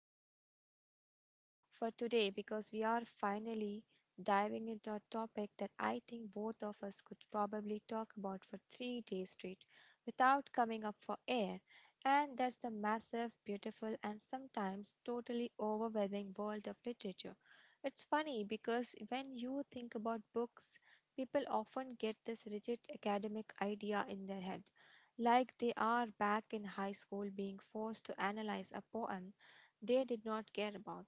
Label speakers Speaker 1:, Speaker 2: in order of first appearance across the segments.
Speaker 1: incredibly excited for today because we are finally diving into a topic that I think both of us could probably talk about for 3 days straight without coming up for air. And that's the massive, beautiful, and sometimes totally overwhelming world of literature. It's funny because when you think about books, people often get this rigid academic idea in their head, like they are back in high school being forced to analyze a poem they did not care about.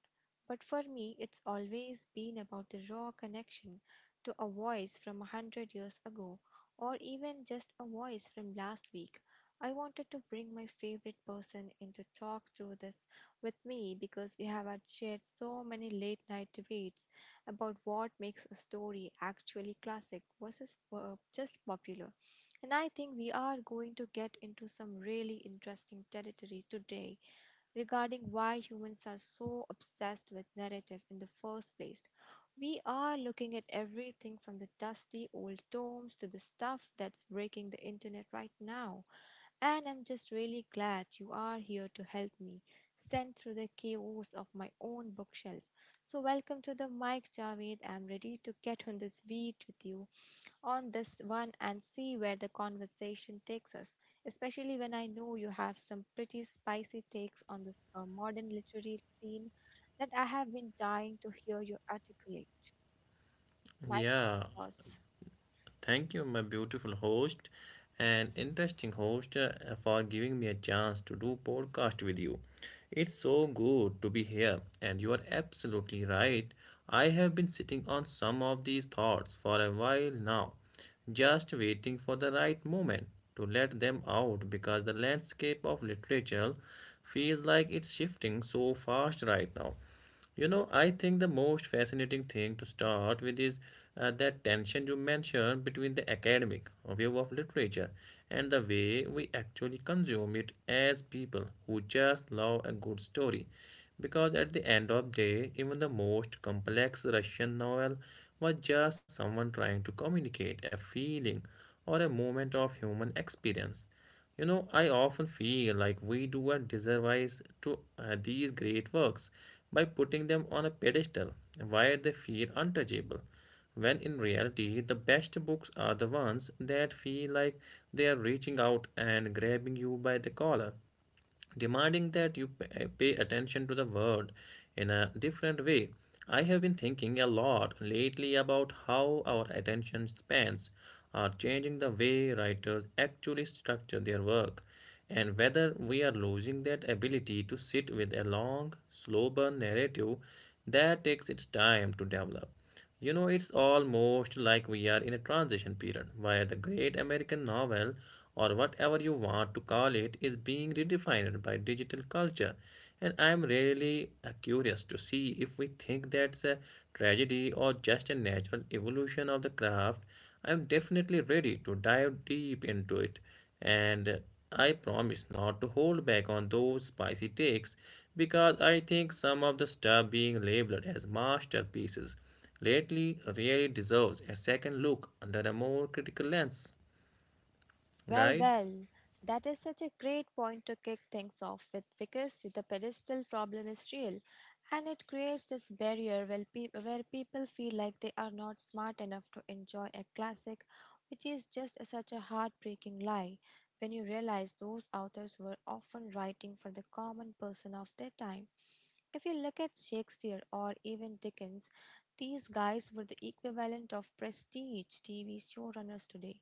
Speaker 1: But for me, it's always been about the raw connection to a voice from 100 years ago, or even just a voice from last week. I wanted to bring my favorite person in to talk through this with me because we have had shared so many late night debates about what makes a story actually classic versus just popular. And I think we are going to get into some really interesting territory today regarding why humans are so obsessed with narrative in the first place. We are looking at everything from the dusty old tomes to the stuff that's breaking the internet right now. And I'm just really glad you are here to help me send through the chaos of my own bookshelf. So, welcome to the mic, Javed. I'm ready to get on this beat with you on this one and see where the conversation takes us, especially when I know you have some pretty spicy takes on this modern literary scene that I have been dying to hear you articulate. My
Speaker 2: Yeah,
Speaker 1: thoughts.
Speaker 2: thank you, my beautiful host and interesting host, for giving me a chance to do podcast with you. It's so good to be here, and you are absolutely right. I have been sitting on some of these thoughts for a while now, just waiting for the right moment to let them out because the landscape of literature feels like it's shifting so fast right now. You know, I think the most fascinating thing to start with is that tension you mentioned between the academic view of literature and the way we actually consume it as people who just love a good story. Because at the end of the day, even the most complex Russian novel was just someone trying to communicate a feeling or a moment of human experience. You know, I often feel like we do a disservice to these great works by putting them on a pedestal where they feel untouchable, when in reality, the best books are the ones that feel like they are reaching out and grabbing you by the collar demanding that you pay attention to the world in a different way. I have been thinking a lot lately about how our attention spans are changing the way writers actually structure their work and whether we are losing that ability to sit with a long, slow burn narrative that takes its time to develop. You know, it's almost like we are in a transition period where the great American novel, or whatever you want to call it, is being redefined by digital culture. And I'm really curious to see if we think that's a tragedy or just a natural evolution of the craft. I'm definitely ready to dive deep into it, and I promise not to hold back on those spicy takes because I think some of the stuff being labeled as masterpieces lately really deserves a second look under a more critical lens,
Speaker 1: Well,
Speaker 2: right?
Speaker 1: well, that is such a great point to kick things off with, because the pedestal problem is real and it creates this barrier where people feel like they are not smart enough to enjoy a classic, which is just such a heartbreaking lie when you realize those authors were often writing for the common person of their time. If you look at Shakespeare or even Dickens, these guys were the equivalent of prestige TV showrunners today,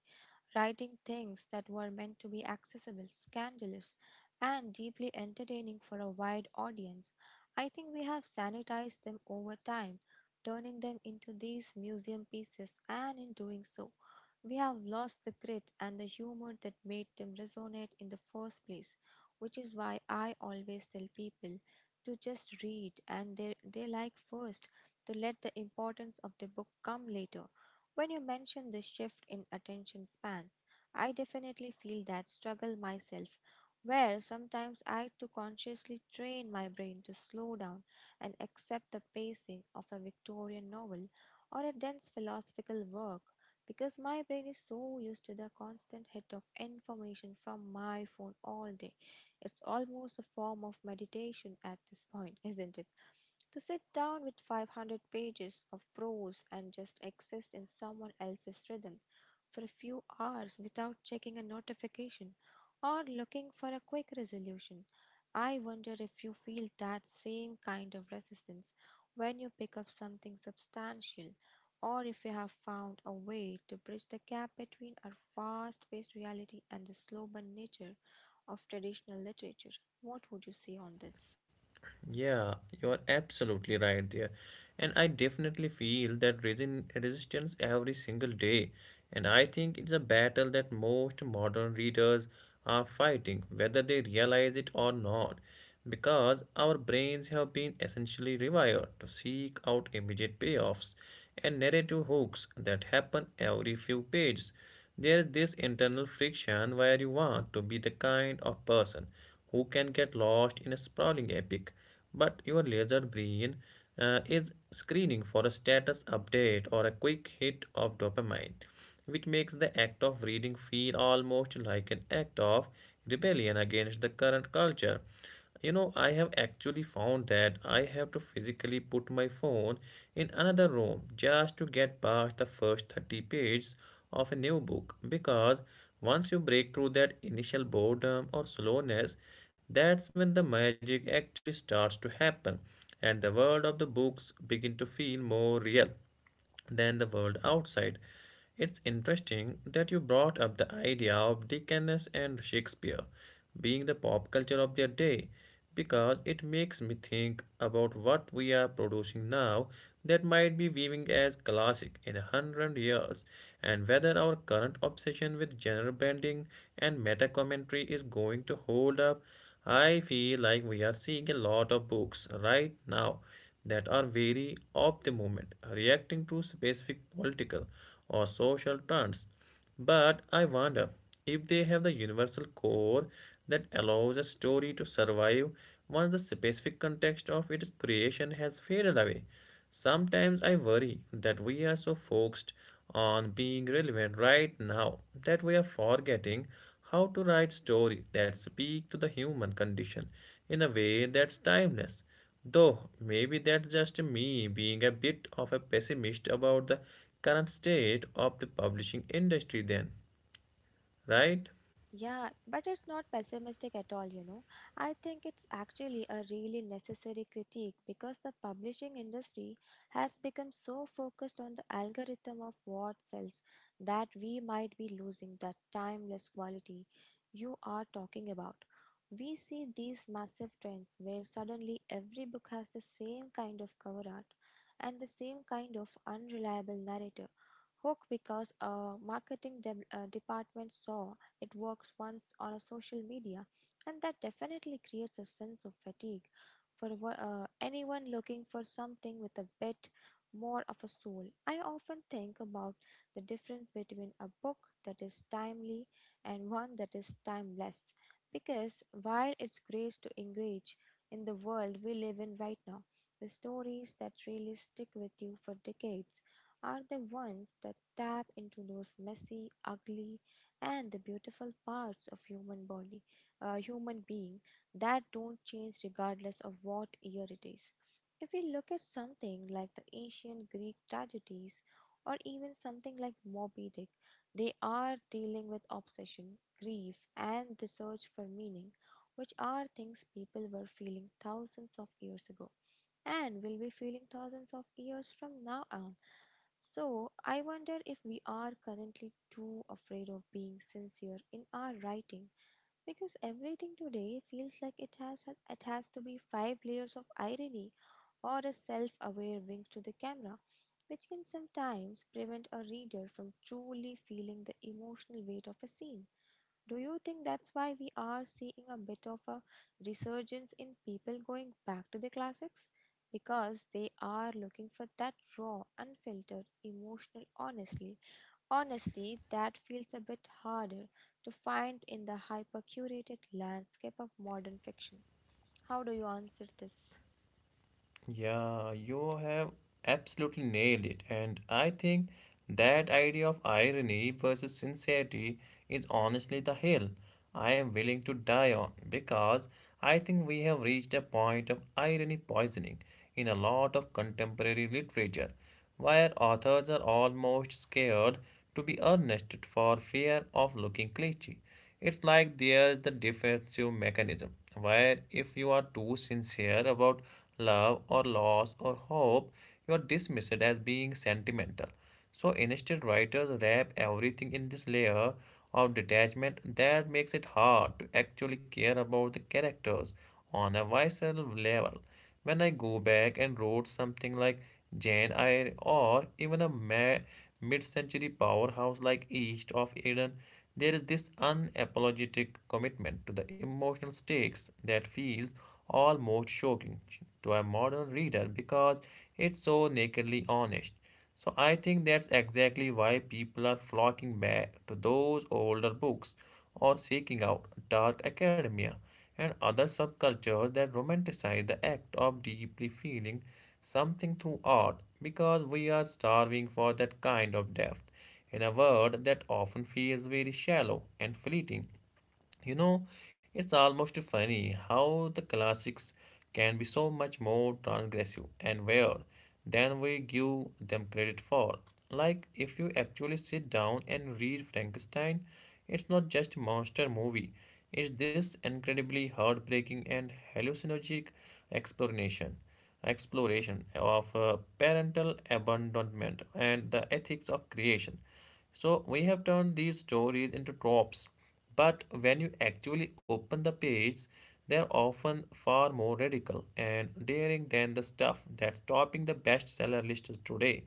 Speaker 1: writing things that were meant to be accessible, scandalous, and deeply entertaining for a wide audience. I think we have sanitized them over time, turning them into these museum pieces, and in doing so, we have lost the grit and the humor that made them resonate in the first place, which is why I always tell people to just read and they like first, to let the importance of the book come later. When you mention the shift in attention spans, I definitely feel that struggle myself, where sometimes I too consciously train my brain to slow down and accept the pacing of a Victorian novel or a dense philosophical work because my brain is so used to the constant hit of information from my phone all day. It's almost a form of meditation at this point, isn't it? To sit down with 500 pages of prose and just exist in someone else's rhythm for a few hours without checking a notification or looking for a quick resolution. I wonder if you feel that same kind of resistance when you pick up something substantial, or if you have found a way to bridge the gap between our fast paced reality and the slow burn nature of traditional literature. What would you say on this?
Speaker 2: Yeah, you're absolutely right there. And I definitely feel that resin resistance every single day. And I think it's a battle that most modern readers are fighting, whether they realize it or not, because our brains have been essentially rewired to seek out immediate payoffs and narrative hooks that happen every few pages. There is this internal friction where you want to be the kind of person who can get lost in a sprawling epic. But your laser brain is screening for a status update or a quick hit of dopamine, which makes the act of reading feel almost like an act of rebellion against the current culture. You know, I have actually found that I have to physically put my phone in another room just to get past the first 30 pages of a new book because once you break through that initial boredom or slowness, that's when the magic actually starts to happen and the world of the books begin to feel more real than the world outside. It's interesting that you brought up the idea of Dickens and Shakespeare being the pop culture of their day because it makes me think about what we are producing now that might be viewing as classic in a hundred years, and whether our current obsession with genre branding and meta commentary is going to hold up. I feel like we are seeing a lot of books right now that are wary of the moment, reacting to specific political or social trends. But I wonder if they have the universal core that allows a story to survive once the specific context of its creation has faded away. Sometimes I worry that we are so focused on being relevant right now that we are forgetting how to write stories that speak to the human condition in a way that's timeless. Though maybe that's just me being a bit of a pessimist about the current state of the publishing industry, then, right?
Speaker 1: Yeah, but it's not pessimistic at all, you know. I think it's actually a really necessary critique because the publishing industry has become so focused on the algorithm of what sells that we might be losing that timeless quality you are talking about. We see these massive trends where suddenly every book has the same kind of cover art and the same kind of unreliable narrator hook because a marketing department saw it works once on a social media, and that definitely creates a sense of fatigue for anyone looking for something with a bit more of a soul. I often think about the difference between a book that is timely and one that is timeless, because while it's great to engage in the world we live in right now, the stories that really stick with you for decades are the ones that tap into those messy, ugly, and the beautiful parts of human being that don't change regardless of what year it is. If we look at something like the ancient Greek tragedies or even something like Moby Dick, they are dealing with obsession, grief, and the search for meaning, which are things people were feeling thousands of years ago and will be feeling thousands of years from now on. So, I wonder if we are currently too afraid of being sincere in our writing, because everything today feels like it has to be five layers of irony or a self-aware wink to the camera, which can sometimes prevent a reader from truly feeling the emotional weight of a scene. Do you think that's why we are seeing a bit of a resurgence in people going back to the classics? Because they are looking for that raw, unfiltered, emotional honesty, honesty that feels a bit harder to find in the hyper curated landscape of modern fiction. How do you answer this?
Speaker 2: Yeah, you have absolutely nailed it. And I think that idea of irony versus sincerity is honestly the hill I am willing to die on because I think we have reached a point of irony poisoning in a lot of contemporary literature where authors are almost scared to be earnest for fear of looking cliche. It's like there's the defensive mechanism, where if you are too sincere about love or loss or hope, you are dismissed as being sentimental. So instead, writers wrap everything in this layer of detachment that makes it hard to actually care about the characters on a visceral level. When I go back and wrote something like Jane Eyre or even a mid-century powerhouse like East of Eden, there is this unapologetic commitment to the emotional stakes that feels almost shocking to a modern reader because it's so nakedly honest. So I think that's exactly why people are flocking back to those older books or seeking out dark academia and other subcultures that romanticize the act of deeply feeling something through art because we are starving for that kind of depth in a world that often feels very shallow and fleeting. You know, it's almost funny how the classics can be so much more transgressive and weird than we give them credit for. Like, if you actually sit down and read Frankenstein, it's not just a monster movie, it's this incredibly heartbreaking and hallucinogenic exploration exploration of parental abandonment and the ethics of creation. So we have turned these stories into tropes, but when you actually open the page, they're often far more radical and daring than the stuff that's topping the bestseller lists today,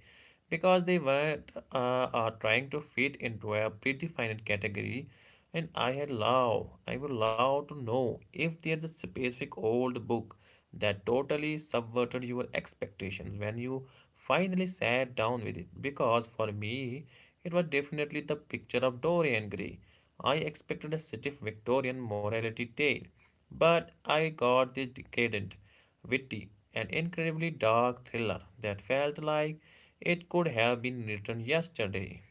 Speaker 2: because they weren't trying to fit into a predefined category. And I would love to know if there's a specific old book that totally subverted your expectations when you finally sat down with it. Because for me, it was definitely the picture of Dorian Gray. I expected a stiff Victorian morality tale, but I got this decadent, witty, and incredibly dark thriller that felt like it could have been written yesterday.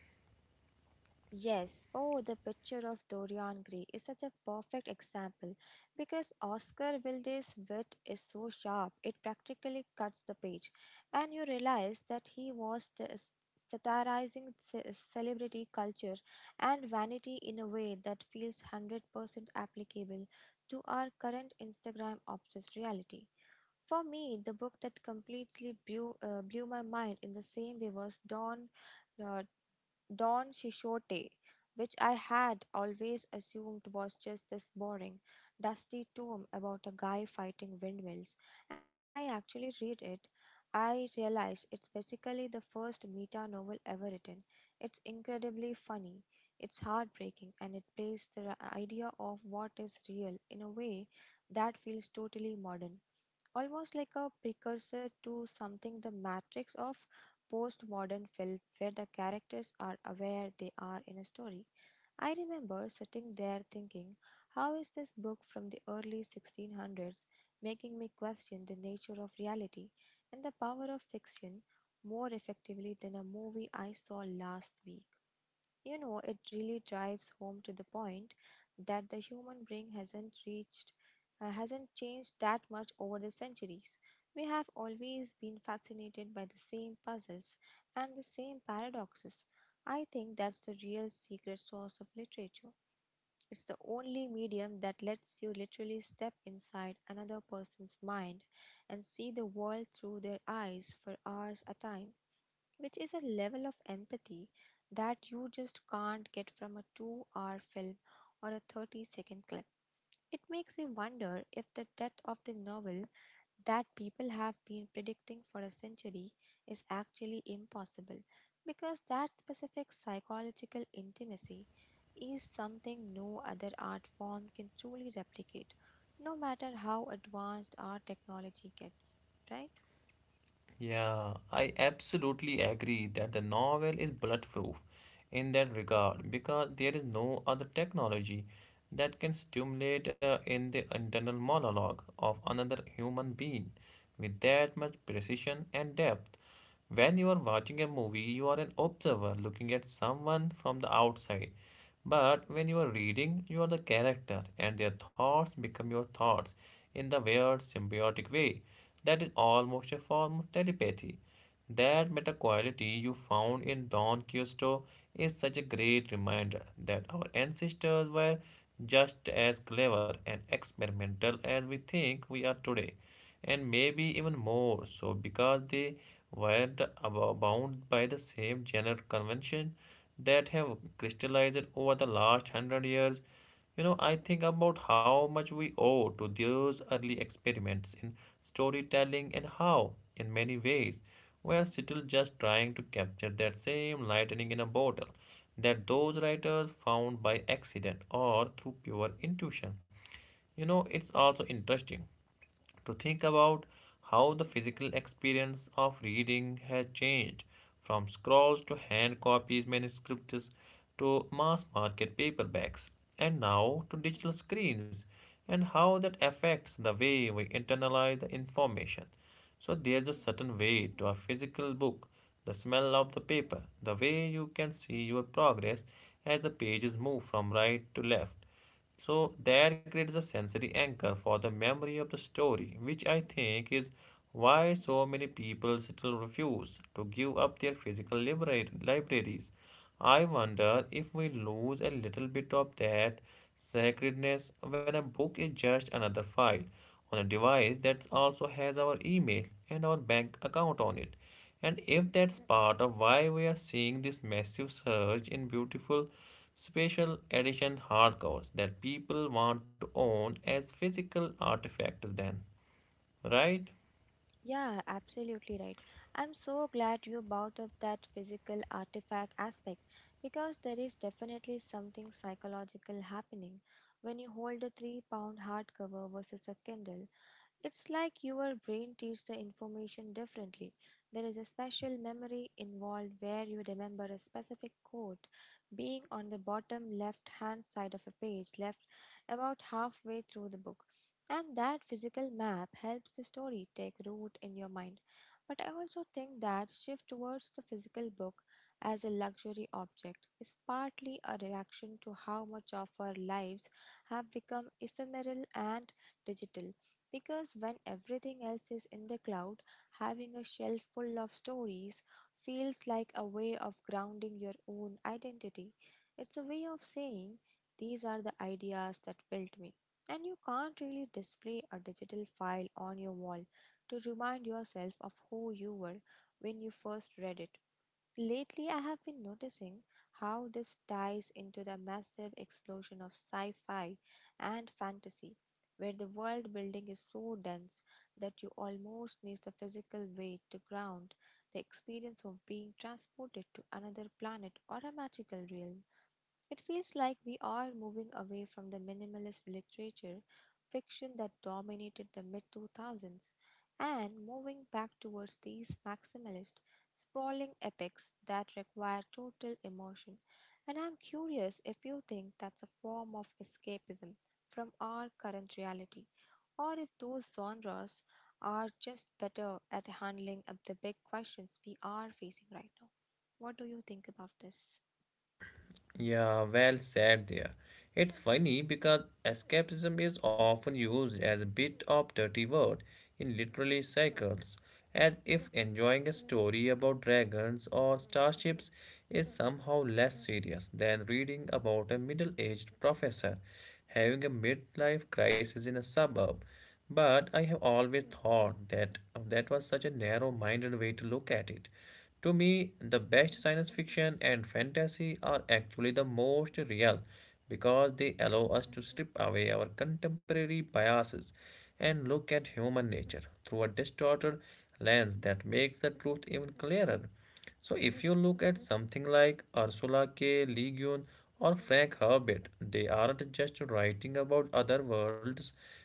Speaker 1: Yes, oh, the picture of Dorian Gray is such a perfect example, because Oscar Wilde's wit is so sharp it practically cuts the page, and you realize that he was satirizing celebrity culture and vanity in a way that feels 100% applicable to our current Instagram obsessed reality. For me, the book that completely blew my mind in the same way was Don Quixote, which I had always assumed was just this boring, dusty tome about a guy fighting windmills, and when I actually read it, I realized it's basically the first meta novel ever written. It's incredibly funny, it's heartbreaking, and it plays the idea of what is real in a way that feels totally modern, almost like a precursor to something the matrix of postmodern film, where the characters are aware they are in a story. I remember sitting there thinking, how is this book from the early 1600s making me question the nature of reality and the power of fiction more effectively than a movie I saw last week? You know, it really drives home to the point that the human brain hasn't changed that much over the centuries. We have always been fascinated by the same puzzles and the same paradoxes. I think that's the real secret source of literature. It's the only medium that lets you literally step inside another person's mind and see the world through their eyes for hours at a time, which is a level of empathy that you just can't get from a 2-hour hour film or a 30-second clip. It makes me wonder if the death of the novel that people have been predicting for a century is actually impossible, because that specific psychological intimacy is something no other art form can truly replicate, no matter how advanced our technology gets, right?
Speaker 2: Yeah, I absolutely agree that the novel is bulletproof in that regard because there is no other technology that can stimulate in the internal monologue of another human being with that much precision and depth. When you are watching a movie, you are an observer looking at someone from the outside. But when you are reading, you are the character, and their thoughts become your thoughts in the weird symbiotic way. That is almost a form of telepathy. That meta quality you found in Don Quixote is such a great reminder that our ancestors were just as clever and experimental as we think we are today, and maybe even more so because were the- bound by the same general convention that have crystallized over the last hundred years. You know, I think about how much we owe to those early experiments in storytelling and how, in many ways, we are still just trying to capture that same lightning in a bottle that those writers found by accident or through pure intuition. You know, it's also interesting to think about how the physical experience of reading has changed from scrolls to hand copies, manuscripts to mass market paperbacks, and now to digital screens, and how that affects the way we internalize the information. So, there's a certain weight to a physical book, the smell of the paper, the way you can see your progress as the pages move from right to left. So that creates a sensory anchor for the memory of the story, which I think is why so many people still refuse to give up their physical libraries. I wonder if we lose a little bit of that sacredness when a book is just another file on a device that also has our email and our bank account on it. And if that's part of why we are seeing this massive surge in beautiful special edition hardcovers that people want to own as physical artifacts, then, right?
Speaker 1: Yeah, absolutely right. I'm so glad you brought up that physical artifact aspect, because there is definitely something psychological happening when you hold a 3-pound hardcover versus a Kindle. It's like your brain treats the information differently. There is a special memory involved where you remember a specific quote being on the bottom left hand side of a page, left about halfway through the book. And that physical map helps the story take root in your mind. But I also think that shift towards the physical book as a luxury object is partly a reaction to how much of our lives have become ephemeral and digital. Because when everything else is in the cloud, having a shelf full of stories feels like a way of grounding your own identity. It's a way of saying, these are the ideas that built me. And you can't really display a digital file on your wall to remind yourself of who you were when you first read it. Lately, I have been noticing how this ties into the massive explosion of sci fi and fantasy, where the world building is so dense that you almost need the physical weight to ground the experience of being transported to another planet or a magical realm. It feels like we are moving away from the minimalist literature fiction that dominated the mid 2000s and moving back towards these maximalist, sprawling epics that require total immersion. And I'm curious if you think that's a form of escapism from our current reality, or if those genres are just better at handling up the big questions we are facing right now. What do you think about this?
Speaker 2: Yeah, well said there. It's funny because escapism is often used as a bit of dirty word in literary circles, as if enjoying a story about dragons or starships is somehow less serious than reading about a middle-aged professor having a midlife crisis in a suburb. But I have always thought that that was such a narrow-minded way to look at it. To me, the best science fiction and fantasy are actually the most real because they allow us to strip away our contemporary biases and look at human nature through a distorted lens that makes the truth even clearer. So if you look at something like Ursula K. Le Guin or Frank Herbert, they aren't just writing about other worlds,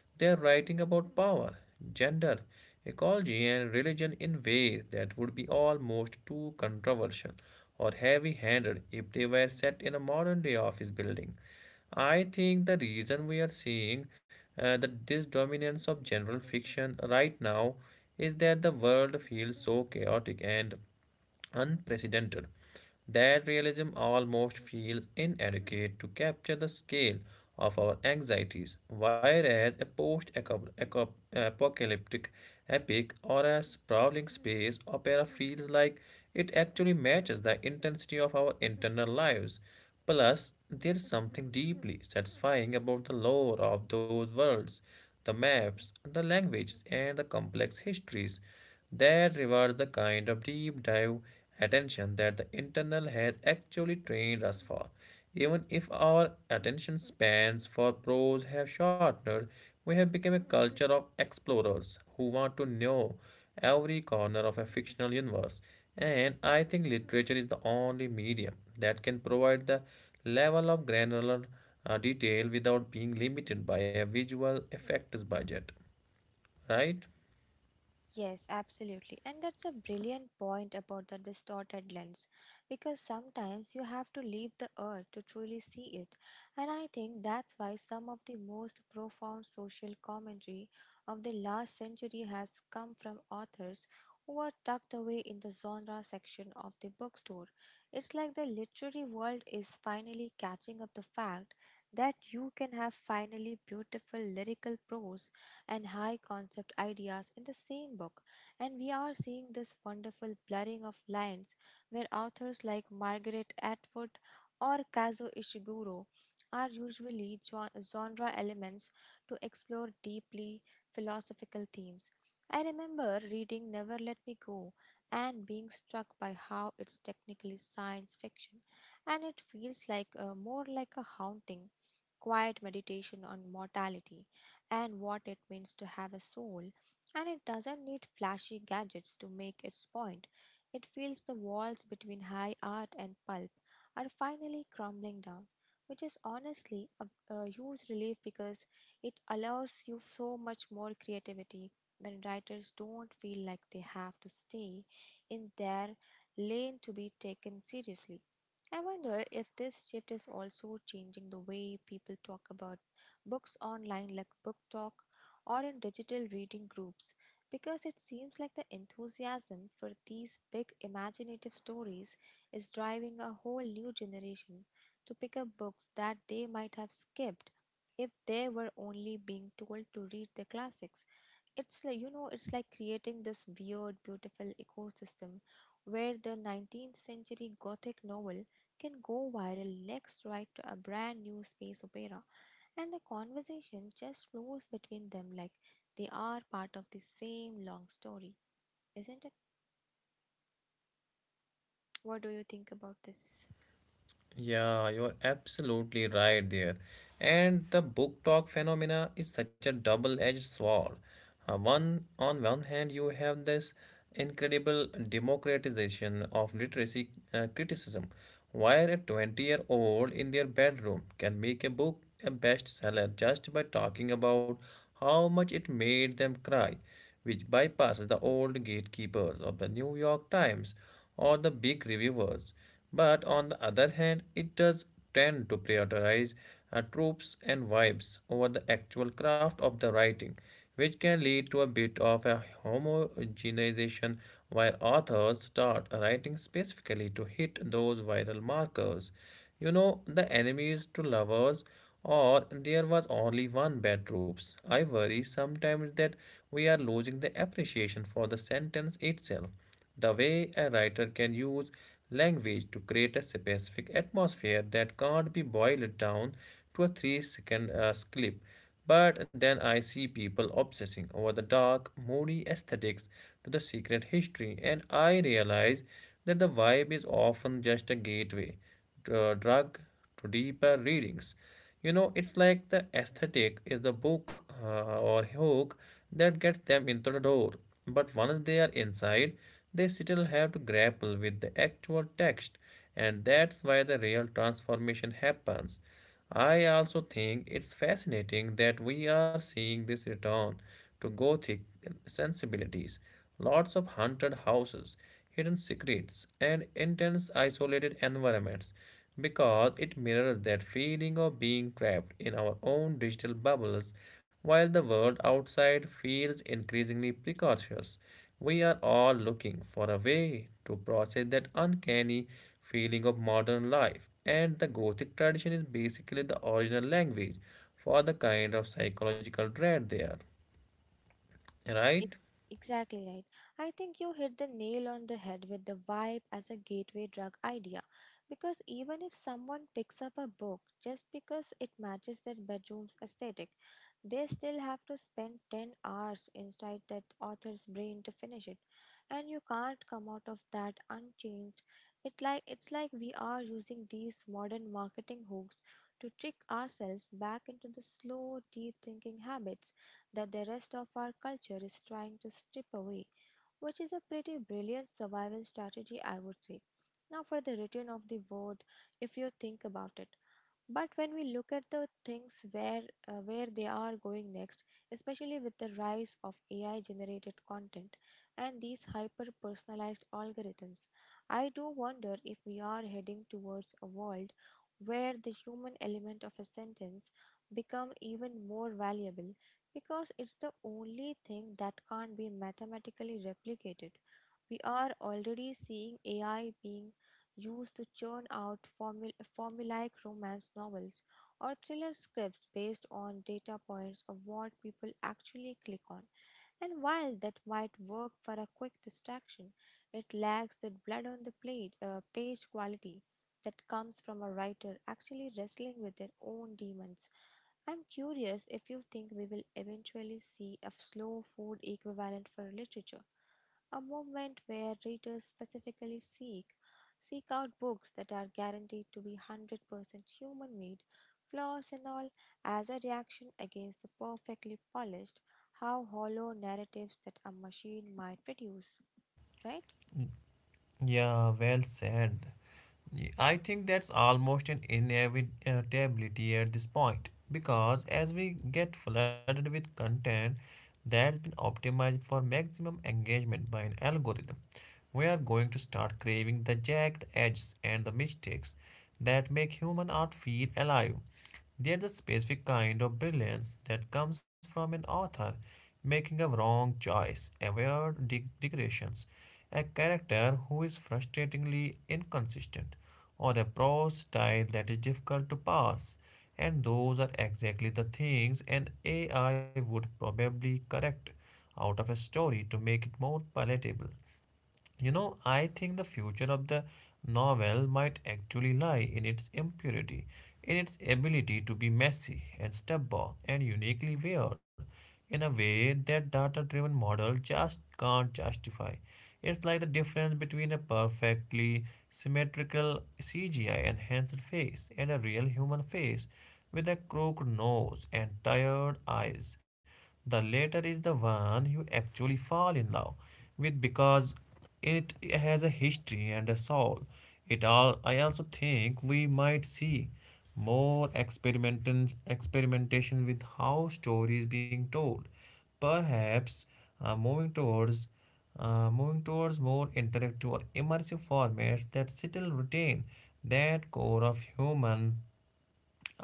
Speaker 2: they are writing about power, gender, ecology and religion in ways that would be almost too controversial or heavy-handed if they were set in a modern-day office building. I think the reason we are seeing that this dominance of general fiction right now is that the world feels so chaotic and unprecedented, that realism almost feels inadequate to capture the scale of our anxieties, whereas a post apocalyptic epic or a sprawling space opera feels like it actually matches the intensity of our internal lives. Plus, there's something deeply satisfying about the lore of those worlds: the maps, the languages, and the complex histories. That rewards the kind of deep dive attention that the internal has actually trained us for. Even if our attention spans for prose have shortened, we have become a culture of explorers who want to know every corner of a fictional universe. And I think literature is the only medium that can provide the level of granular detail without being limited by a visual effects budget, right?
Speaker 1: Yes, absolutely. And that's a brilliant point about the distorted lens, because sometimes you have to leave the earth to truly see it. And I think that's why some of the most profound social commentary of the last century has come from authors who are tucked away in the genre section of the bookstore. It's like the literary world is finally catching up the fact that you can have finally beautiful lyrical prose and high concept ideas in the same book. And we are seeing this wonderful blurring of lines where authors like Margaret Atwood or Kazuo Ishiguro are usually genre elements to explore deeply philosophical themes. I remember reading Never Let Me Go and being struck by how it's technically science fiction, and it feels like more like a haunting, quiet meditation on mortality and what it means to have a soul, and it doesn't need flashy gadgets to make its point. It feels the walls between high art and pulp are finally crumbling down, which is honestly a huge relief because it allows you so much more creativity when writers don't feel like they have to stay in their lane to be taken seriously. I wonder if this shift is also changing the way people talk about books online, like Book Talk, or in digital reading groups, because it seems like the enthusiasm for these big imaginative stories is driving a whole new generation to pick up books that they might have skipped if they were only being told to read the classics. It's like creating this weird, beautiful ecosystem where the 19th century gothic novel can go viral next right to a brand new space opera, and the conversation just flows between them like they are part of the same long story, isn't it? What do you think about this?
Speaker 2: Yeah, you're absolutely right there. And the book talk phenomena is such a double-edged sword. One on one hand, you have this incredible democratization of literacy criticism, where a 20-year-old in their bedroom can make a book a bestseller just by talking about how much it made them cry, which bypasses the old gatekeepers of the New York Times or the big reviewers. But on the other hand, it does tend to prioritize tropes and vibes over the actual craft of the writing, which can lead to a bit of a homogenization where authors start writing specifically to hit those viral markers. You know, the enemies to lovers or there was only one bad troops. I worry sometimes that we are losing the appreciation for the sentence itself. The way a writer can use language to create a specific atmosphere that can't be boiled down to a 3 second clip. But then I see people obsessing over the dark, moody aesthetics to the secret history, and I realize that the vibe is often just a gateway drug to deeper readings. You know, it's like the aesthetic is the book, or hook that gets them into the door. But once they are inside, they still have to grapple with the actual text, and that's why the real transformation happens. I also think it's fascinating that we are seeing this return to Gothic sensibilities. Lots of haunted houses, hidden secrets, and intense isolated environments, because it mirrors that feeling of being trapped in our own digital bubbles while the world outside feels increasingly precocious. We are all looking for a way to process that uncanny feeling of modern life, and the Gothic tradition is basically the original language for the kind of psychological dread there, right?
Speaker 1: Ex- Exactly right. I think you hit the nail on the head with the vibe as a gateway drug idea. Because even if someone picks up a book just because it matches their bedroom's aesthetic, they still have to spend 10 hours inside that author's brain to finish it. And you can't come out of that unchanged. It's like we are using these modern marketing hooks to trick ourselves back into the slow, deep thinking habits that the rest of our culture is trying to strip away, which is a pretty brilliant survival strategy, I would say. Now, for the return of the word, if you think about it, but when we look at the things where they are going next, especially with the rise of AI generated content and these hyper personalized algorithms, I do wonder if we are heading towards a world where the human element of a sentence become even more valuable because it's the only thing that can't be mathematically replicated. We are already seeing AI being used to churn out formulaic romance novels or thriller scripts based on data points of what people actually click on. And while that might work for a quick distraction, it lacks that blood on the plate, page quality that comes from a writer actually wrestling with their own demons. I'm curious if you think we will eventually see a slow food equivalent for literature, a movement where readers specifically seek out books that are guaranteed to be 100% human made, flaws and all, as a reaction against the perfectly polished, how hollow narratives that a machine might produce, right?
Speaker 2: Yeah, well said. I think that's almost an inevitability at this point, because as we get flooded with content that's been optimized for maximum engagement by an algorithm, we are going to start craving the jagged edges and the mistakes that make human art feel alive. There's a specific kind of brilliance that comes from an author making a wrong choice, aware digressions, a character who is frustratingly inconsistent, or a prose style that is difficult to parse. And those are exactly the things an AI would probably correct out of a story to make it more palatable. You know, I think the future of the novel might actually lie in its impurity, in its ability to be messy and stubborn and uniquely weird in a way that data driven model just can't justify. It's like the difference between a perfectly symmetrical CGI enhanced face and a real human face with a crooked nose and tired eyes. The latter is the one you actually fall in love with, because it has a history and a soul. It all I also think we might see more experimentation with how story is being told. Perhaps uh, moving towards moving towards more interactive or immersive formats that still retain that core of human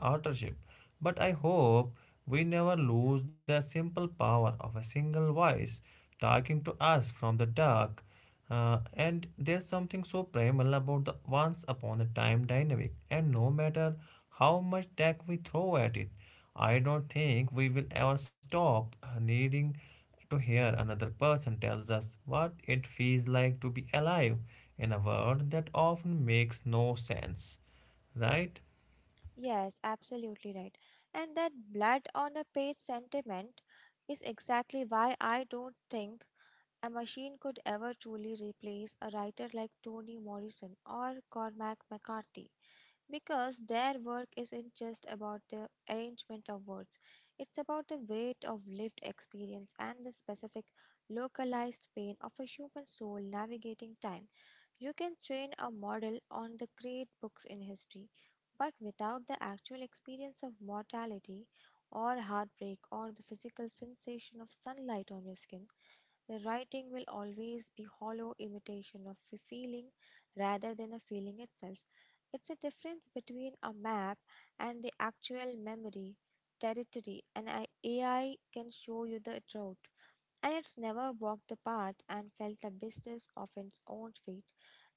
Speaker 2: authorship. But I hope we never lose the simple power of a single voice talking to us from the dark. And there's something so primal about the once upon a time dynamic, and no matter how much tech we throw at it, I don't think we will ever stop needing to hear another person tells us what it feels like to be alive in a world that often makes no sense, right?
Speaker 1: Yes, absolutely right. And that blood on a page sentiment is exactly why I don't think a machine could ever truly replace a writer like Toni Morrison or Cormac McCarthy, because their work isn't just about the arrangement of words. It's about the weight of lived experience and the specific, localized pain of a human soul navigating time. You can train a model on the great books in history, but without the actual experience of mortality or heartbreak or the physical sensation of sunlight on your skin, the writing will always be hollow imitation of a feeling rather than a feeling itself. It's a difference between a map and the actual memory, territory, and AI can show you the route, and it's never walked the path and felt the business of its own feet.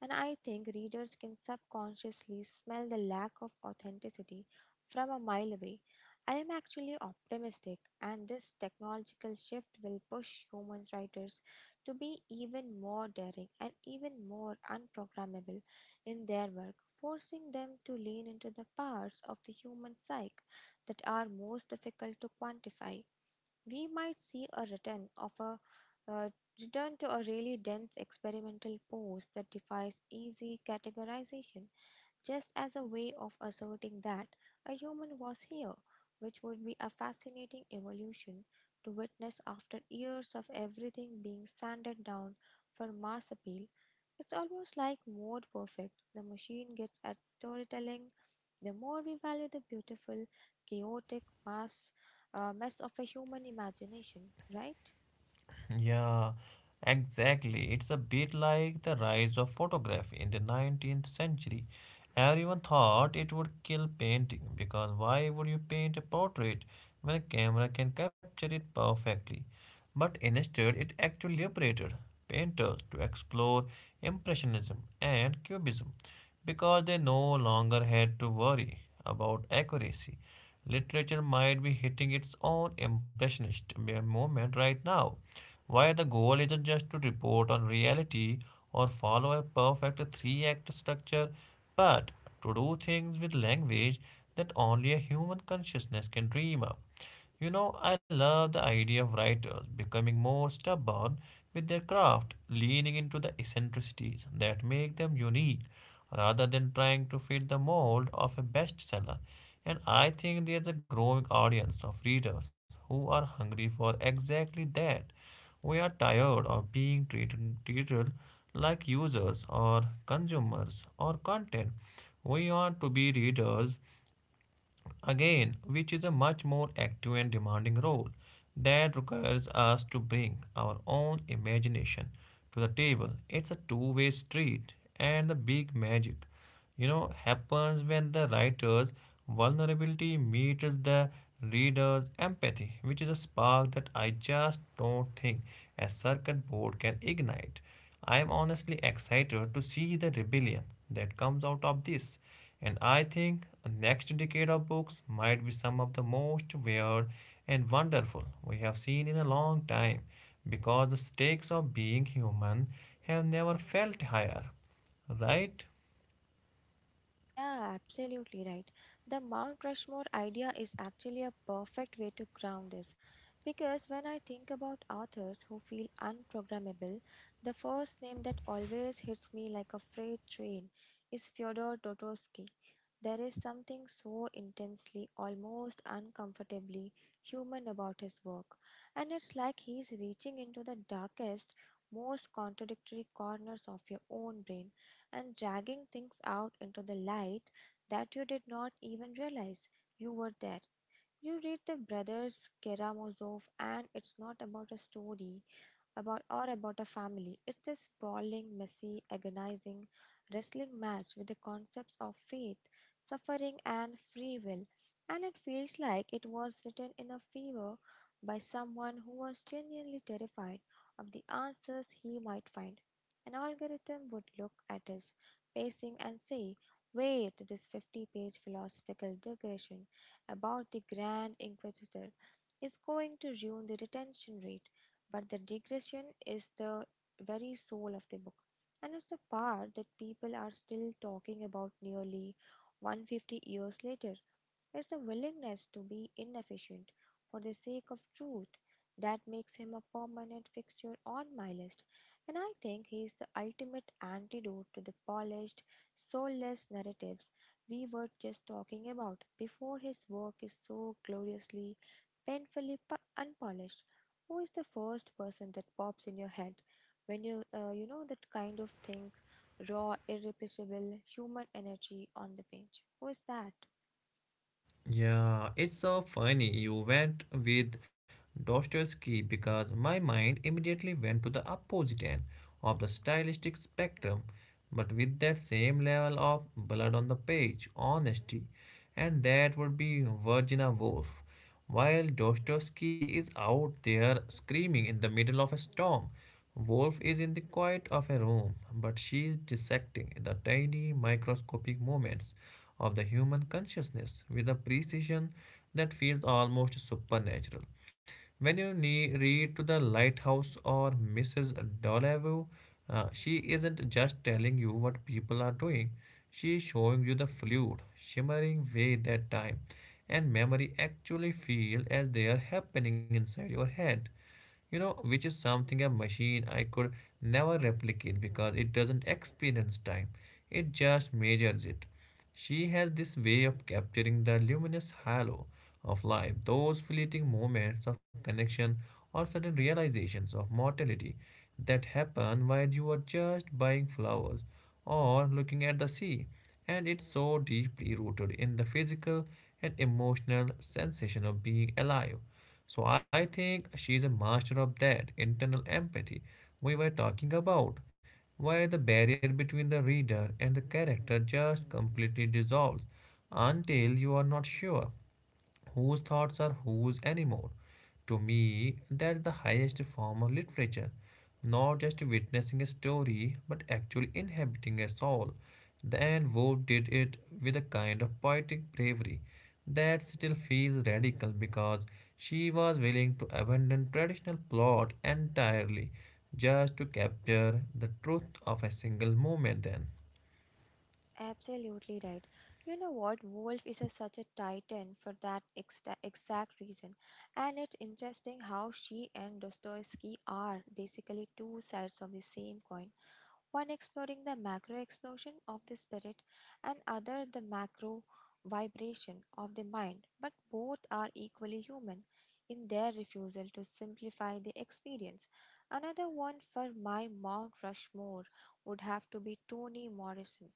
Speaker 1: And I think readers can subconsciously smell the lack of authenticity from a mile away. I am actually optimistic, and this technological shift will push human writers to be even more daring and even more unprogrammable in their work, forcing them to lean into the parts of the human psyche that are most difficult to quantify. We might see a return of a uh, return to a really dense experimental pose that defies easy categorization, just as a way of asserting that a human was here, which would be a fascinating evolution to witness after years of everything being sanded down for mass appeal. It's almost like mode perfect. The machine gets at storytelling. The more we value the beautiful, chaotic mass mess of a human imagination, right?
Speaker 2: Yeah, exactly. It's a bit like the rise of photography in the 19th century. Everyone thought it would kill painting, because why would you paint a portrait when a camera can capture it perfectly? But instead, it actually liberated painters to explore Impressionism and Cubism, because they no longer had to worry about accuracy. Literature might be hitting its own impressionist moment right now, where the goal isn't just to report on reality or follow a perfect three act structure, but to do things with language that only a human consciousness can dream up. You know, I love the idea of writers becoming more stubborn with their craft, leaning into the eccentricities that make them unique rather than trying to fit the mold of a bestseller. And I think there's a growing audience of readers who are hungry for exactly that. We are tired of being treated like users or consumers or content. We want to be readers again, which is a much more active and demanding role that requires us to bring our own imagination to the table. It's a two-way street, and the big magic, you know, happens when the writer's vulnerability meets the reader's empathy, which is a spark that I just don't think a circuit board can ignite. I am honestly excited to see the rebellion that comes out of this, and I think the next decade of books might be some of the most weird and wonderful we have seen in a long time, because the stakes of being human have never felt higher, right?
Speaker 1: Yeah, absolutely right. The Mount Rushmore idea is actually a perfect way to ground this, because when I think about authors who feel unprogrammable, the first name that always hits me like a freight train is Fyodor Dostoevsky. There is something so intensely, almost uncomfortably human about his work, and it's like he's reaching into the darkest, most contradictory corners of your own brain and dragging things out into the light that you did not even realize you were there. You read the Brothers Karamazov, and it's not about a story about a family. It's a sprawling, messy, agonizing wrestling match with the concepts of faith, suffering, and free will. And it feels like it was written in a fever by someone who was genuinely terrified of the answers he might find. An algorithm would look at his pacing and say, "Wait, this 50-page philosophical digression about the Grand Inquisitor is going to ruin the retention rate." But the digression is the very soul of the book, and it's the part that people are still talking about nearly 150 years later. It's the willingness to be inefficient for the sake of truth that makes him a permanent fixture on my list, and I think he is the ultimate antidote to the polished, soulless narratives we were just talking about before. His work is so gloriously, painfully unpolished. Who is the first person that pops in your head when you you know that kind of thing, raw, irrepressible human energy on the page? Who is that?
Speaker 2: Yeah, it's so funny you went with Dostoevsky, because my mind immediately went to the opposite end of the stylistic spectrum, but with that same level of blood on the page honesty, and that would be Virginia Woolf. While Dostoevsky is out there screaming in the middle of a storm, Wolf is in the quiet of a room, but she is dissecting the tiny microscopic moments of the human consciousness with a precision that feels almost supernatural. When you read to the lighthouse or Mrs. Dollevue, she isn't just telling you what people are doing. She is showing you the fluid, shimmering way that time and memory actually feel as they are happening inside your head. You know, which is something a machine I could never replicate, because it doesn't experience time. It just measures it. She has this way of capturing the luminous halo of life, those fleeting moments of connection or sudden realizations of mortality that happen while you are just buying flowers or looking at the sea. And it's so deeply rooted in the physical and emotional sensation of being alive, so I think she is a master of that internal empathy we were talking about, where the barrier between the reader and the character just completely dissolves until you are not sure whose thoughts are whose anymore. To me, that's the highest form of literature, not just witnessing a story, but actually inhabiting a soul. Then Wolfe did it with a kind of poetic bravery that still feels radical, because she was willing to abandon traditional plot entirely just to capture the truth of a single moment then.
Speaker 1: Absolutely right. You know what? Wolf is such a titan for that exta exact reason. And it's interesting how she and Dostoevsky are basically two sides of the same coin. One exploring the macro explosion of the spirit, and other the macro vibration of the mind. But both are equally human in their refusal to simplify the experience. Another one for my Mount Rushmore would have to be Toni Morrison,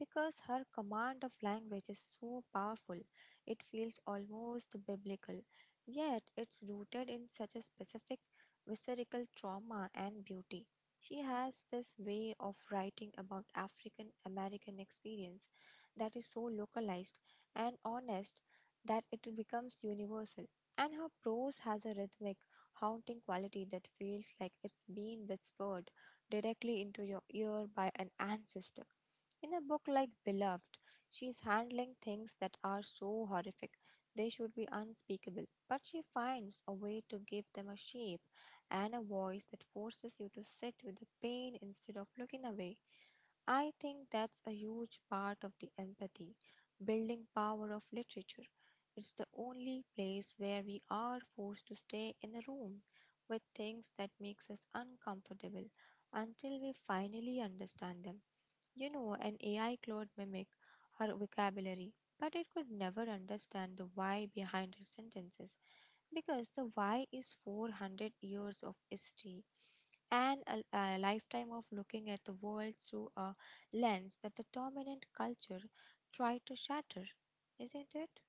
Speaker 1: because her command of language is so powerful. It feels almost biblical, yet it's rooted in such a specific, visceral trauma and beauty. She has this way of writing about African American experience that is so localized and honest that it becomes universal. And her prose has a rhythmic, haunting quality that feels like it's being whispered directly into your ear by an ancestor. In a book like Beloved, she is handling things that are so horrific they should be unspeakable, but she finds a way to give them a shape and a voice that forces you to sit with the pain instead of looking away. I think that's a huge part of the empathy building power of literature. It's the only place where we are forced to stay in a room with things that makes us uncomfortable until we finally understand them. You know, an AI could mimic her vocabulary, but it could never understand the why behind her sentences. Because the why is 400 years of history and a lifetime of looking at the world through a lens that the dominant culture tried to shatter, isn't it?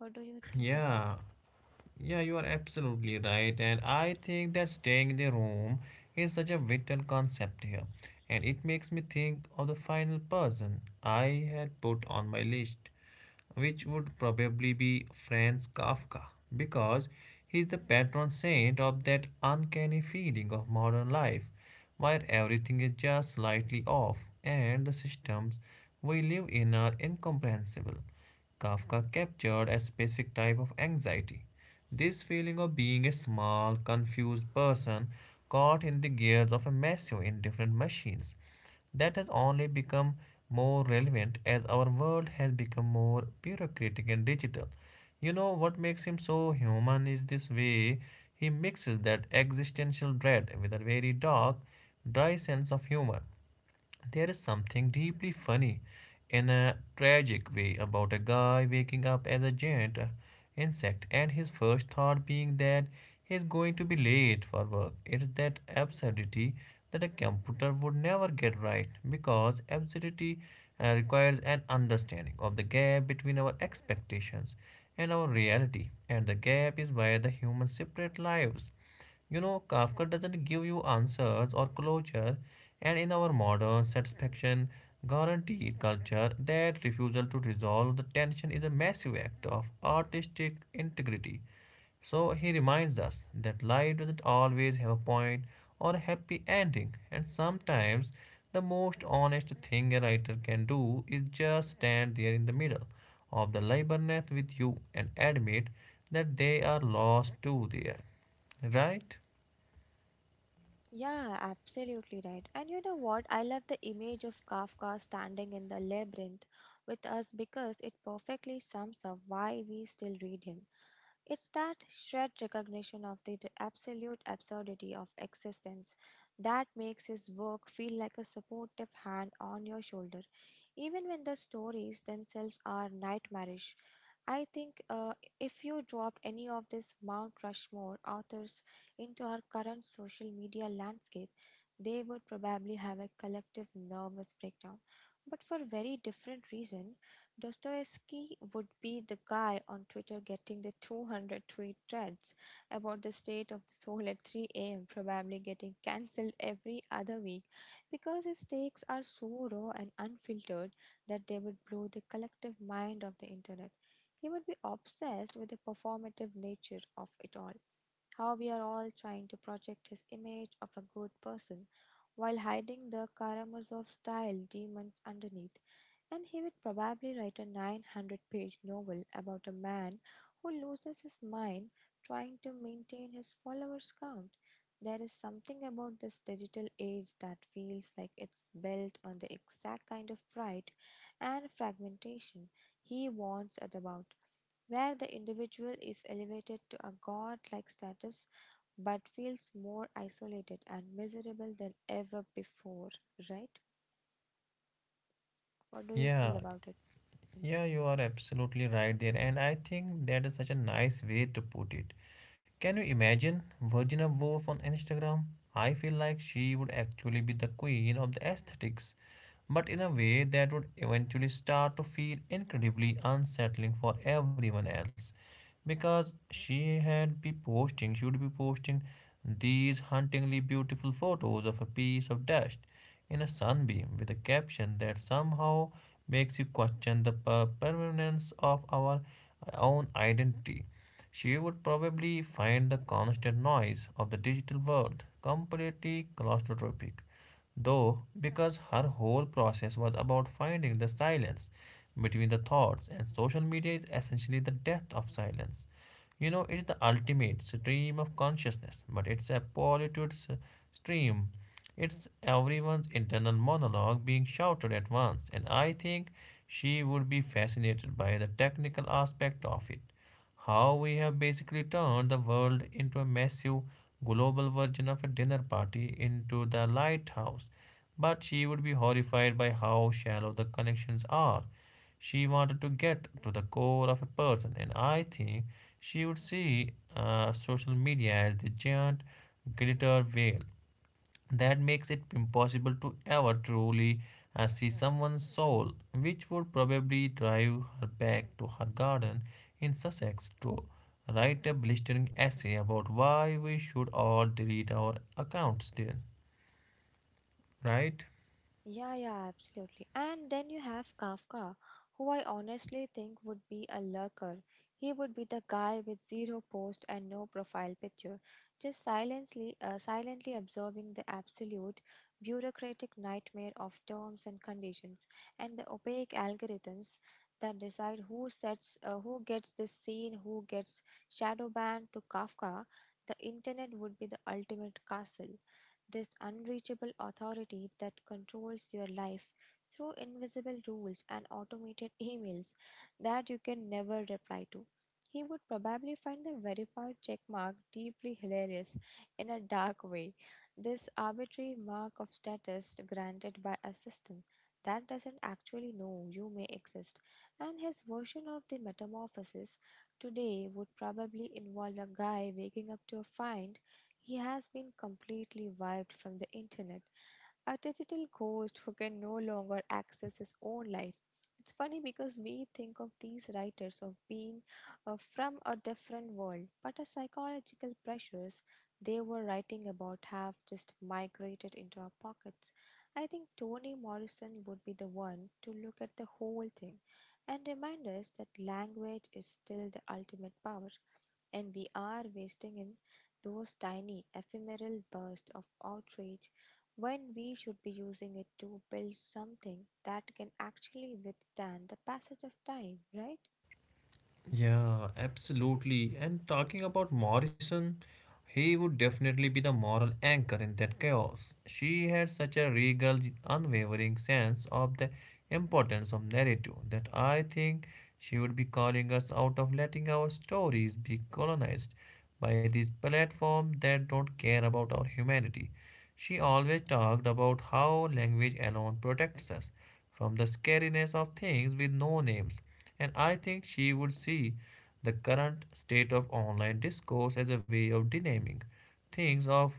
Speaker 1: What do you think about?
Speaker 2: Yeah. Yeah, you are absolutely right, and I think that staying in the room is such a vital concept here, and it makes me think of the final person I had put on my list, which would probably be Franz Kafka, because he's the patron saint of that uncanny feeling of modern life, where everything is just slightly off, and the systems we live in are incomprehensible. Kafka captured a specific type of anxiety. This feeling of being a small, confused person caught in the gears of a massive indifferent machines. That has only become more relevant as our world has become more bureaucratic and digital. You know what makes him so human is this way he mixes that existential dread with a very dark, dry sense of humor. There is something deeply funny, in a tragic way, about a guy waking up as a giant insect and his first thought being that he is going to be late for work. It's that absurdity that a computer would never get right, because absurdity requires an understanding of the gap between our expectations and our reality, and the gap is where the humans separate lives. You know, Kafka doesn't give you answers or closure, and in our modern satisfaction guaranteed culture, that refusal to resolve the tension is a massive act of artistic integrity. So he reminds us that life doesn't always have a point or a happy ending, and sometimes the most honest thing a writer can do is just stand there in the middle of the labyrinth with you and admit that they are lost too there, right?
Speaker 1: Yeah, absolutely right. And you know what? I love the image of Kafka standing in the labyrinth with us because it perfectly sums up why we still read him. It's that shared recognition of the absolute absurdity of existence that makes his work feel like a supportive hand on your shoulder, even when the stories themselves are nightmarish. I think if you dropped any of these Mount Rushmore authors into our current social media landscape, they would probably have a collective nervous breakdown. But for a very different reason, Dostoevsky would be the guy on Twitter getting the 200 tweet threads about the state of the soul at 3 a.m., probably getting cancelled every other week because his takes are so raw and unfiltered that they would blow the collective mind of the internet. He would be obsessed with the performative nature of it all, how we are all trying to project his image of a good person while hiding the Karamazov style demons underneath. And he would probably write a 900-page novel about a man who loses his mind trying to maintain his followers count. There is something about this digital age that feels like it's built on the exact kind of pride and fragmentation he warns us about, where the individual is elevated to a god like status but feels more isolated and miserable than ever before, right? What do you feel
Speaker 2: Yeah,
Speaker 1: about it?
Speaker 2: yeah, you are absolutely right there. And I think that is such a nice way to put it. Can you imagine Virginia Woolf on Instagram? I feel like she would actually be the queen of the aesthetics, but in a way that would eventually start to feel incredibly unsettling for everyone else. Because she would be posting these hauntingly beautiful photos of a piece of dust in a sunbeam with a caption that somehow makes you question the permanence of our own identity. She would probably find the constant noise of the digital world completely claustrophobic, though, because her whole process was about finding the silence between the thoughts, and social media is essentially the death of silence. You know, it's the ultimate stream of consciousness, but it's a polluted stream. It's everyone's internal monologue being shouted at once, and I think she would be fascinated by the technical aspect of it. How we have basically turned the world into a massive global version of a dinner party into the lighthouse. But she would be horrified by how shallow the connections are. She wanted to get to the core of a person, and I think she would see social media as the giant glitter veil that makes it impossible to ever truly see someone's soul, which would probably drive her back to her garden in Sussex to write a blistering essay about why we should all delete our accounts there, right?
Speaker 1: Yeah, yeah, absolutely. And then you have Kafka, who I honestly think would be a lurker. He would be the guy with zero post and no profile picture, just silently, silently observing the absolute bureaucratic nightmare of terms and conditions and the opaque algorithms that decide who sets, who gets this scene, who gets shadow banned. To Kafka, the internet would be the ultimate castle, this unreachable authority that controls your life through invisible rules and automated emails that you can never reply to. He would probably find the verified checkmark deeply hilarious in a dark way. This arbitrary mark of status granted by a system that doesn't actually know you may exist. And his version of the metamorphosis today would probably involve a guy waking up to a find he has been completely wiped from the internet, a digital ghost who can no longer access his own life. It's funny because we think of these writers of being from a different world, but the psychological pressures they were writing about have just migrated into our pockets. I think Toni Morrison would be the one to look at the whole thing and remind us that language is still the ultimate power, and we are wasting in those tiny ephemeral bursts of outrage when we should be using it to build something that can actually withstand the passage of time, right?
Speaker 2: Yeah, absolutely. And talking about Morrison, he would definitely be the moral anchor in that chaos. She had such a regal, unwavering sense of the importance of narrative that I think she would be calling us out of letting our stories be colonized by these platforms that don't care about our humanity. She always talked about how language alone protects us from the scariness of things with no names. And I think she would see the current state of online discourse as a way of denaming things, of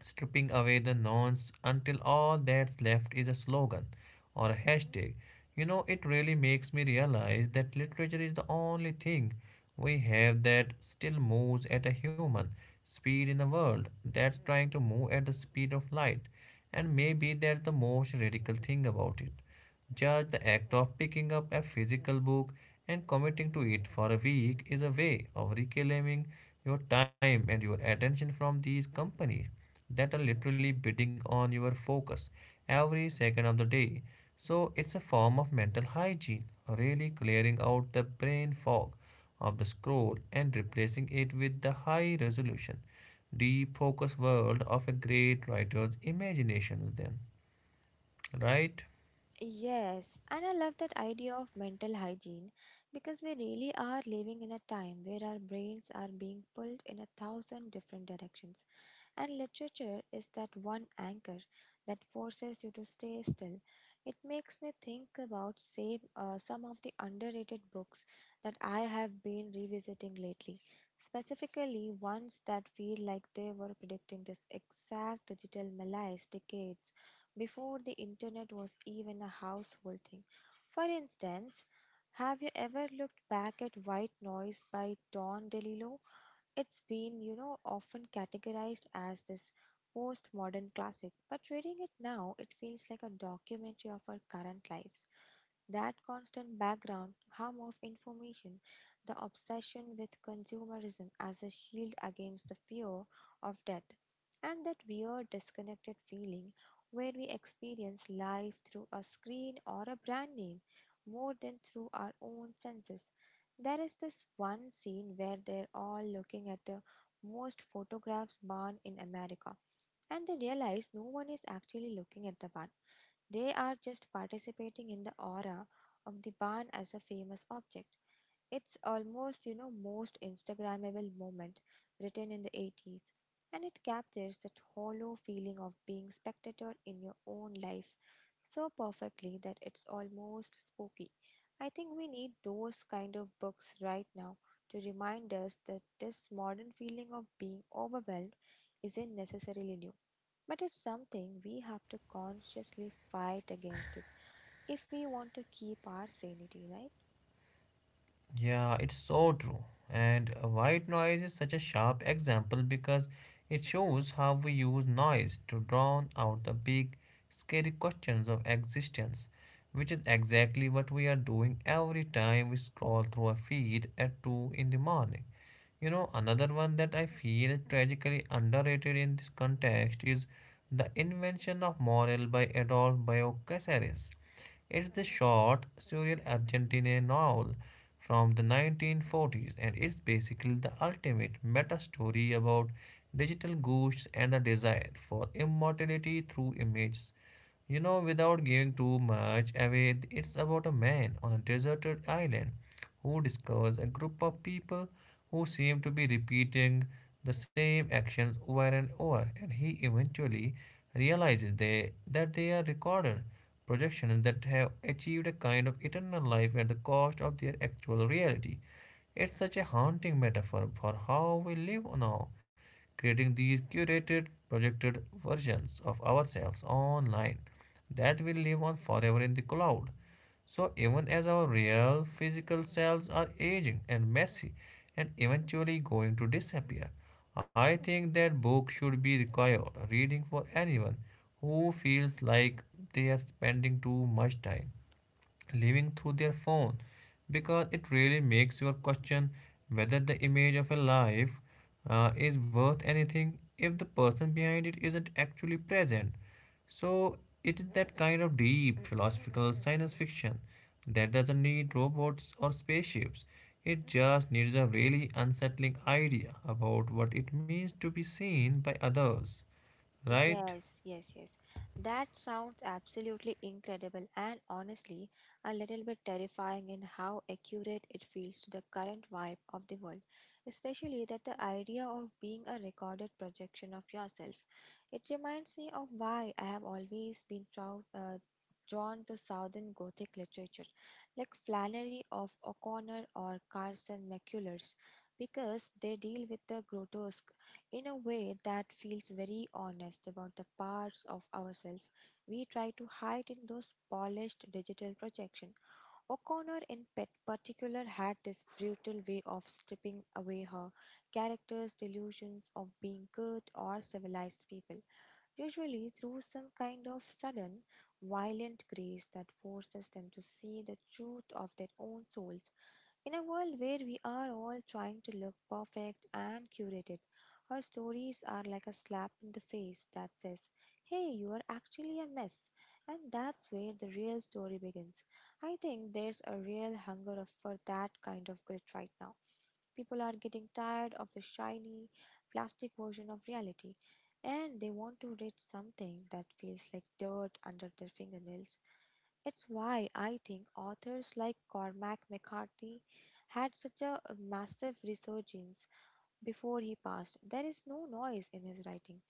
Speaker 2: stripping away the nouns until all that's left is a slogan or a hashtag. You know, it really makes me realize that literature is the only thing we have that still moves at a human speed in a world that's trying to move at the speed of light. And maybe that's the most radical thing about it. Just the act of picking up a physical book and committing to it for a week is a way of reclaiming your time and your attention from these companies that are literally bidding on your focus every second of the day. So it's a form of mental hygiene, really clearing out the brain fog of the scroll and replacing it with the high resolution, deep focus world of a great writer's imaginations then, right?
Speaker 1: Yes, and I love that idea of mental hygiene because we really are living in a time where our brains are being pulled in a thousand different directions. And literature is that one anchor that forces you to stay still. It makes me think about some of the underrated books that I have been revisiting lately, specifically ones that feel like they were predicting this exact digital malaise decades before the internet was even a household thing. For instance, have you ever looked back at White Noise by Don DeLillo? It's been, you know, often categorized as this postmodern classic, but reading it now, it feels like a documentary of our current lives. That constant background hum of information, the obsession with consumerism as a shield against the fear of death, and that weird disconnected feeling where we experience life through a screen or a brand name more than through our own senses. There is this one scene where they're all looking at the most photographs barn in America and they realize no one is actually looking at the barn. They are just participating in the aura of the barn as a famous object. It's almost, you know, most Instagrammable moment written in the 80s, and it captures that hollow feeling of being spectator in your own life so perfectly that it's almost spooky. I think we need those kind of books right now to remind us that this modern feeling of being overwhelmed isn't necessarily new, but it's something we have to consciously fight against it if we want to keep our sanity, right?
Speaker 2: Yeah, it's so true. And white noise is such a sharp example because it shows how we use noise to drown out the big, scary questions of existence, which is exactly what we are doing every time we scroll through a feed at 2 in the morning. You know, another one that I feel tragically underrated in this context is the invention of morale by Adolf Bioy Casares. It's the short, surreal Argentine novel from the 1940s, and it's basically the ultimate meta story about digital ghosts and the desire for immortality through images. You know, without giving too much away, it's about a man on a deserted island who discovers a group of people who seem to be repeating the same actions over and over, and he eventually realizes that they are recorded projections that have achieved a kind of eternal life at the cost of their actual reality. It's such a haunting metaphor for how we live now, creating these curated, projected versions of ourselves online that will live on forever in the cloud. So, even as our real physical selves are aging and messy and eventually going to disappear, I think that book should be required reading for anyone who feels like they are spending too much time living through their phone, because it really makes you question whether the image of a life is worth anything if the person behind it isn't actually present. So it is that kind of deep philosophical science fiction that doesn't need robots or spaceships. It just needs a really unsettling idea about what it means to be seen by others, right?
Speaker 1: Yes, yes, yes. That sounds absolutely incredible and honestly a little bit terrifying in how accurate it feels to the current vibe of the world, especially that the idea of being a recorded projection of yourself.
Speaker 2: Yeah,
Speaker 1: It reminds
Speaker 2: absolutely.
Speaker 1: me
Speaker 2: You
Speaker 1: of
Speaker 2: know,
Speaker 1: why I have
Speaker 2: McCarthy
Speaker 1: always
Speaker 2: is
Speaker 1: been
Speaker 2: also the ultimate
Speaker 1: drawn
Speaker 2: unplugged
Speaker 1: to Southern Gothic literature,
Speaker 2: writer, isn't he?
Speaker 1: like Flannery of O'Connor or Carson McCullers, because they deal with the grotesque in a way that feels very honest about the parts of ourselves we try to hide in those polished digital projection. O'Connor in pet particular had this brutal way of stripping away her character's delusions of being good or civilized people, usually through some kind of sudden, violent grace that forces them to see the truth of their own souls. In a world where we are all trying to look perfect and curated, our stories are like a slap in the face that says, "Hey, you are actually a mess. And that's where the real story begins." I think there's a real for that kind of grit right now. People are getting tired of the shiny, plastic version of reality, and they want to read something that feels like dirt under their fingernails. It's why I think authors like Cormac McCarthy had such a massive resurgence before he passed. There is no noise in his writing,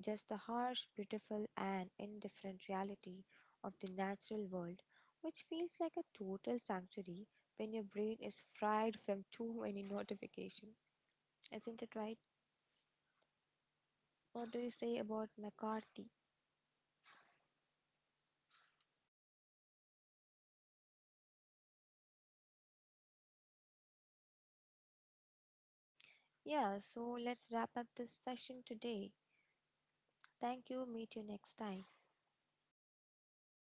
Speaker 1: just the harsh, beautiful, and indifferent reality of the natural world, which feels like a total sanctuary when your brain is fried from too many notifications. Isn't it right? What do you say about McCarthy? Yeah, so let's wrap up this session today. Thank you. Meet you next time.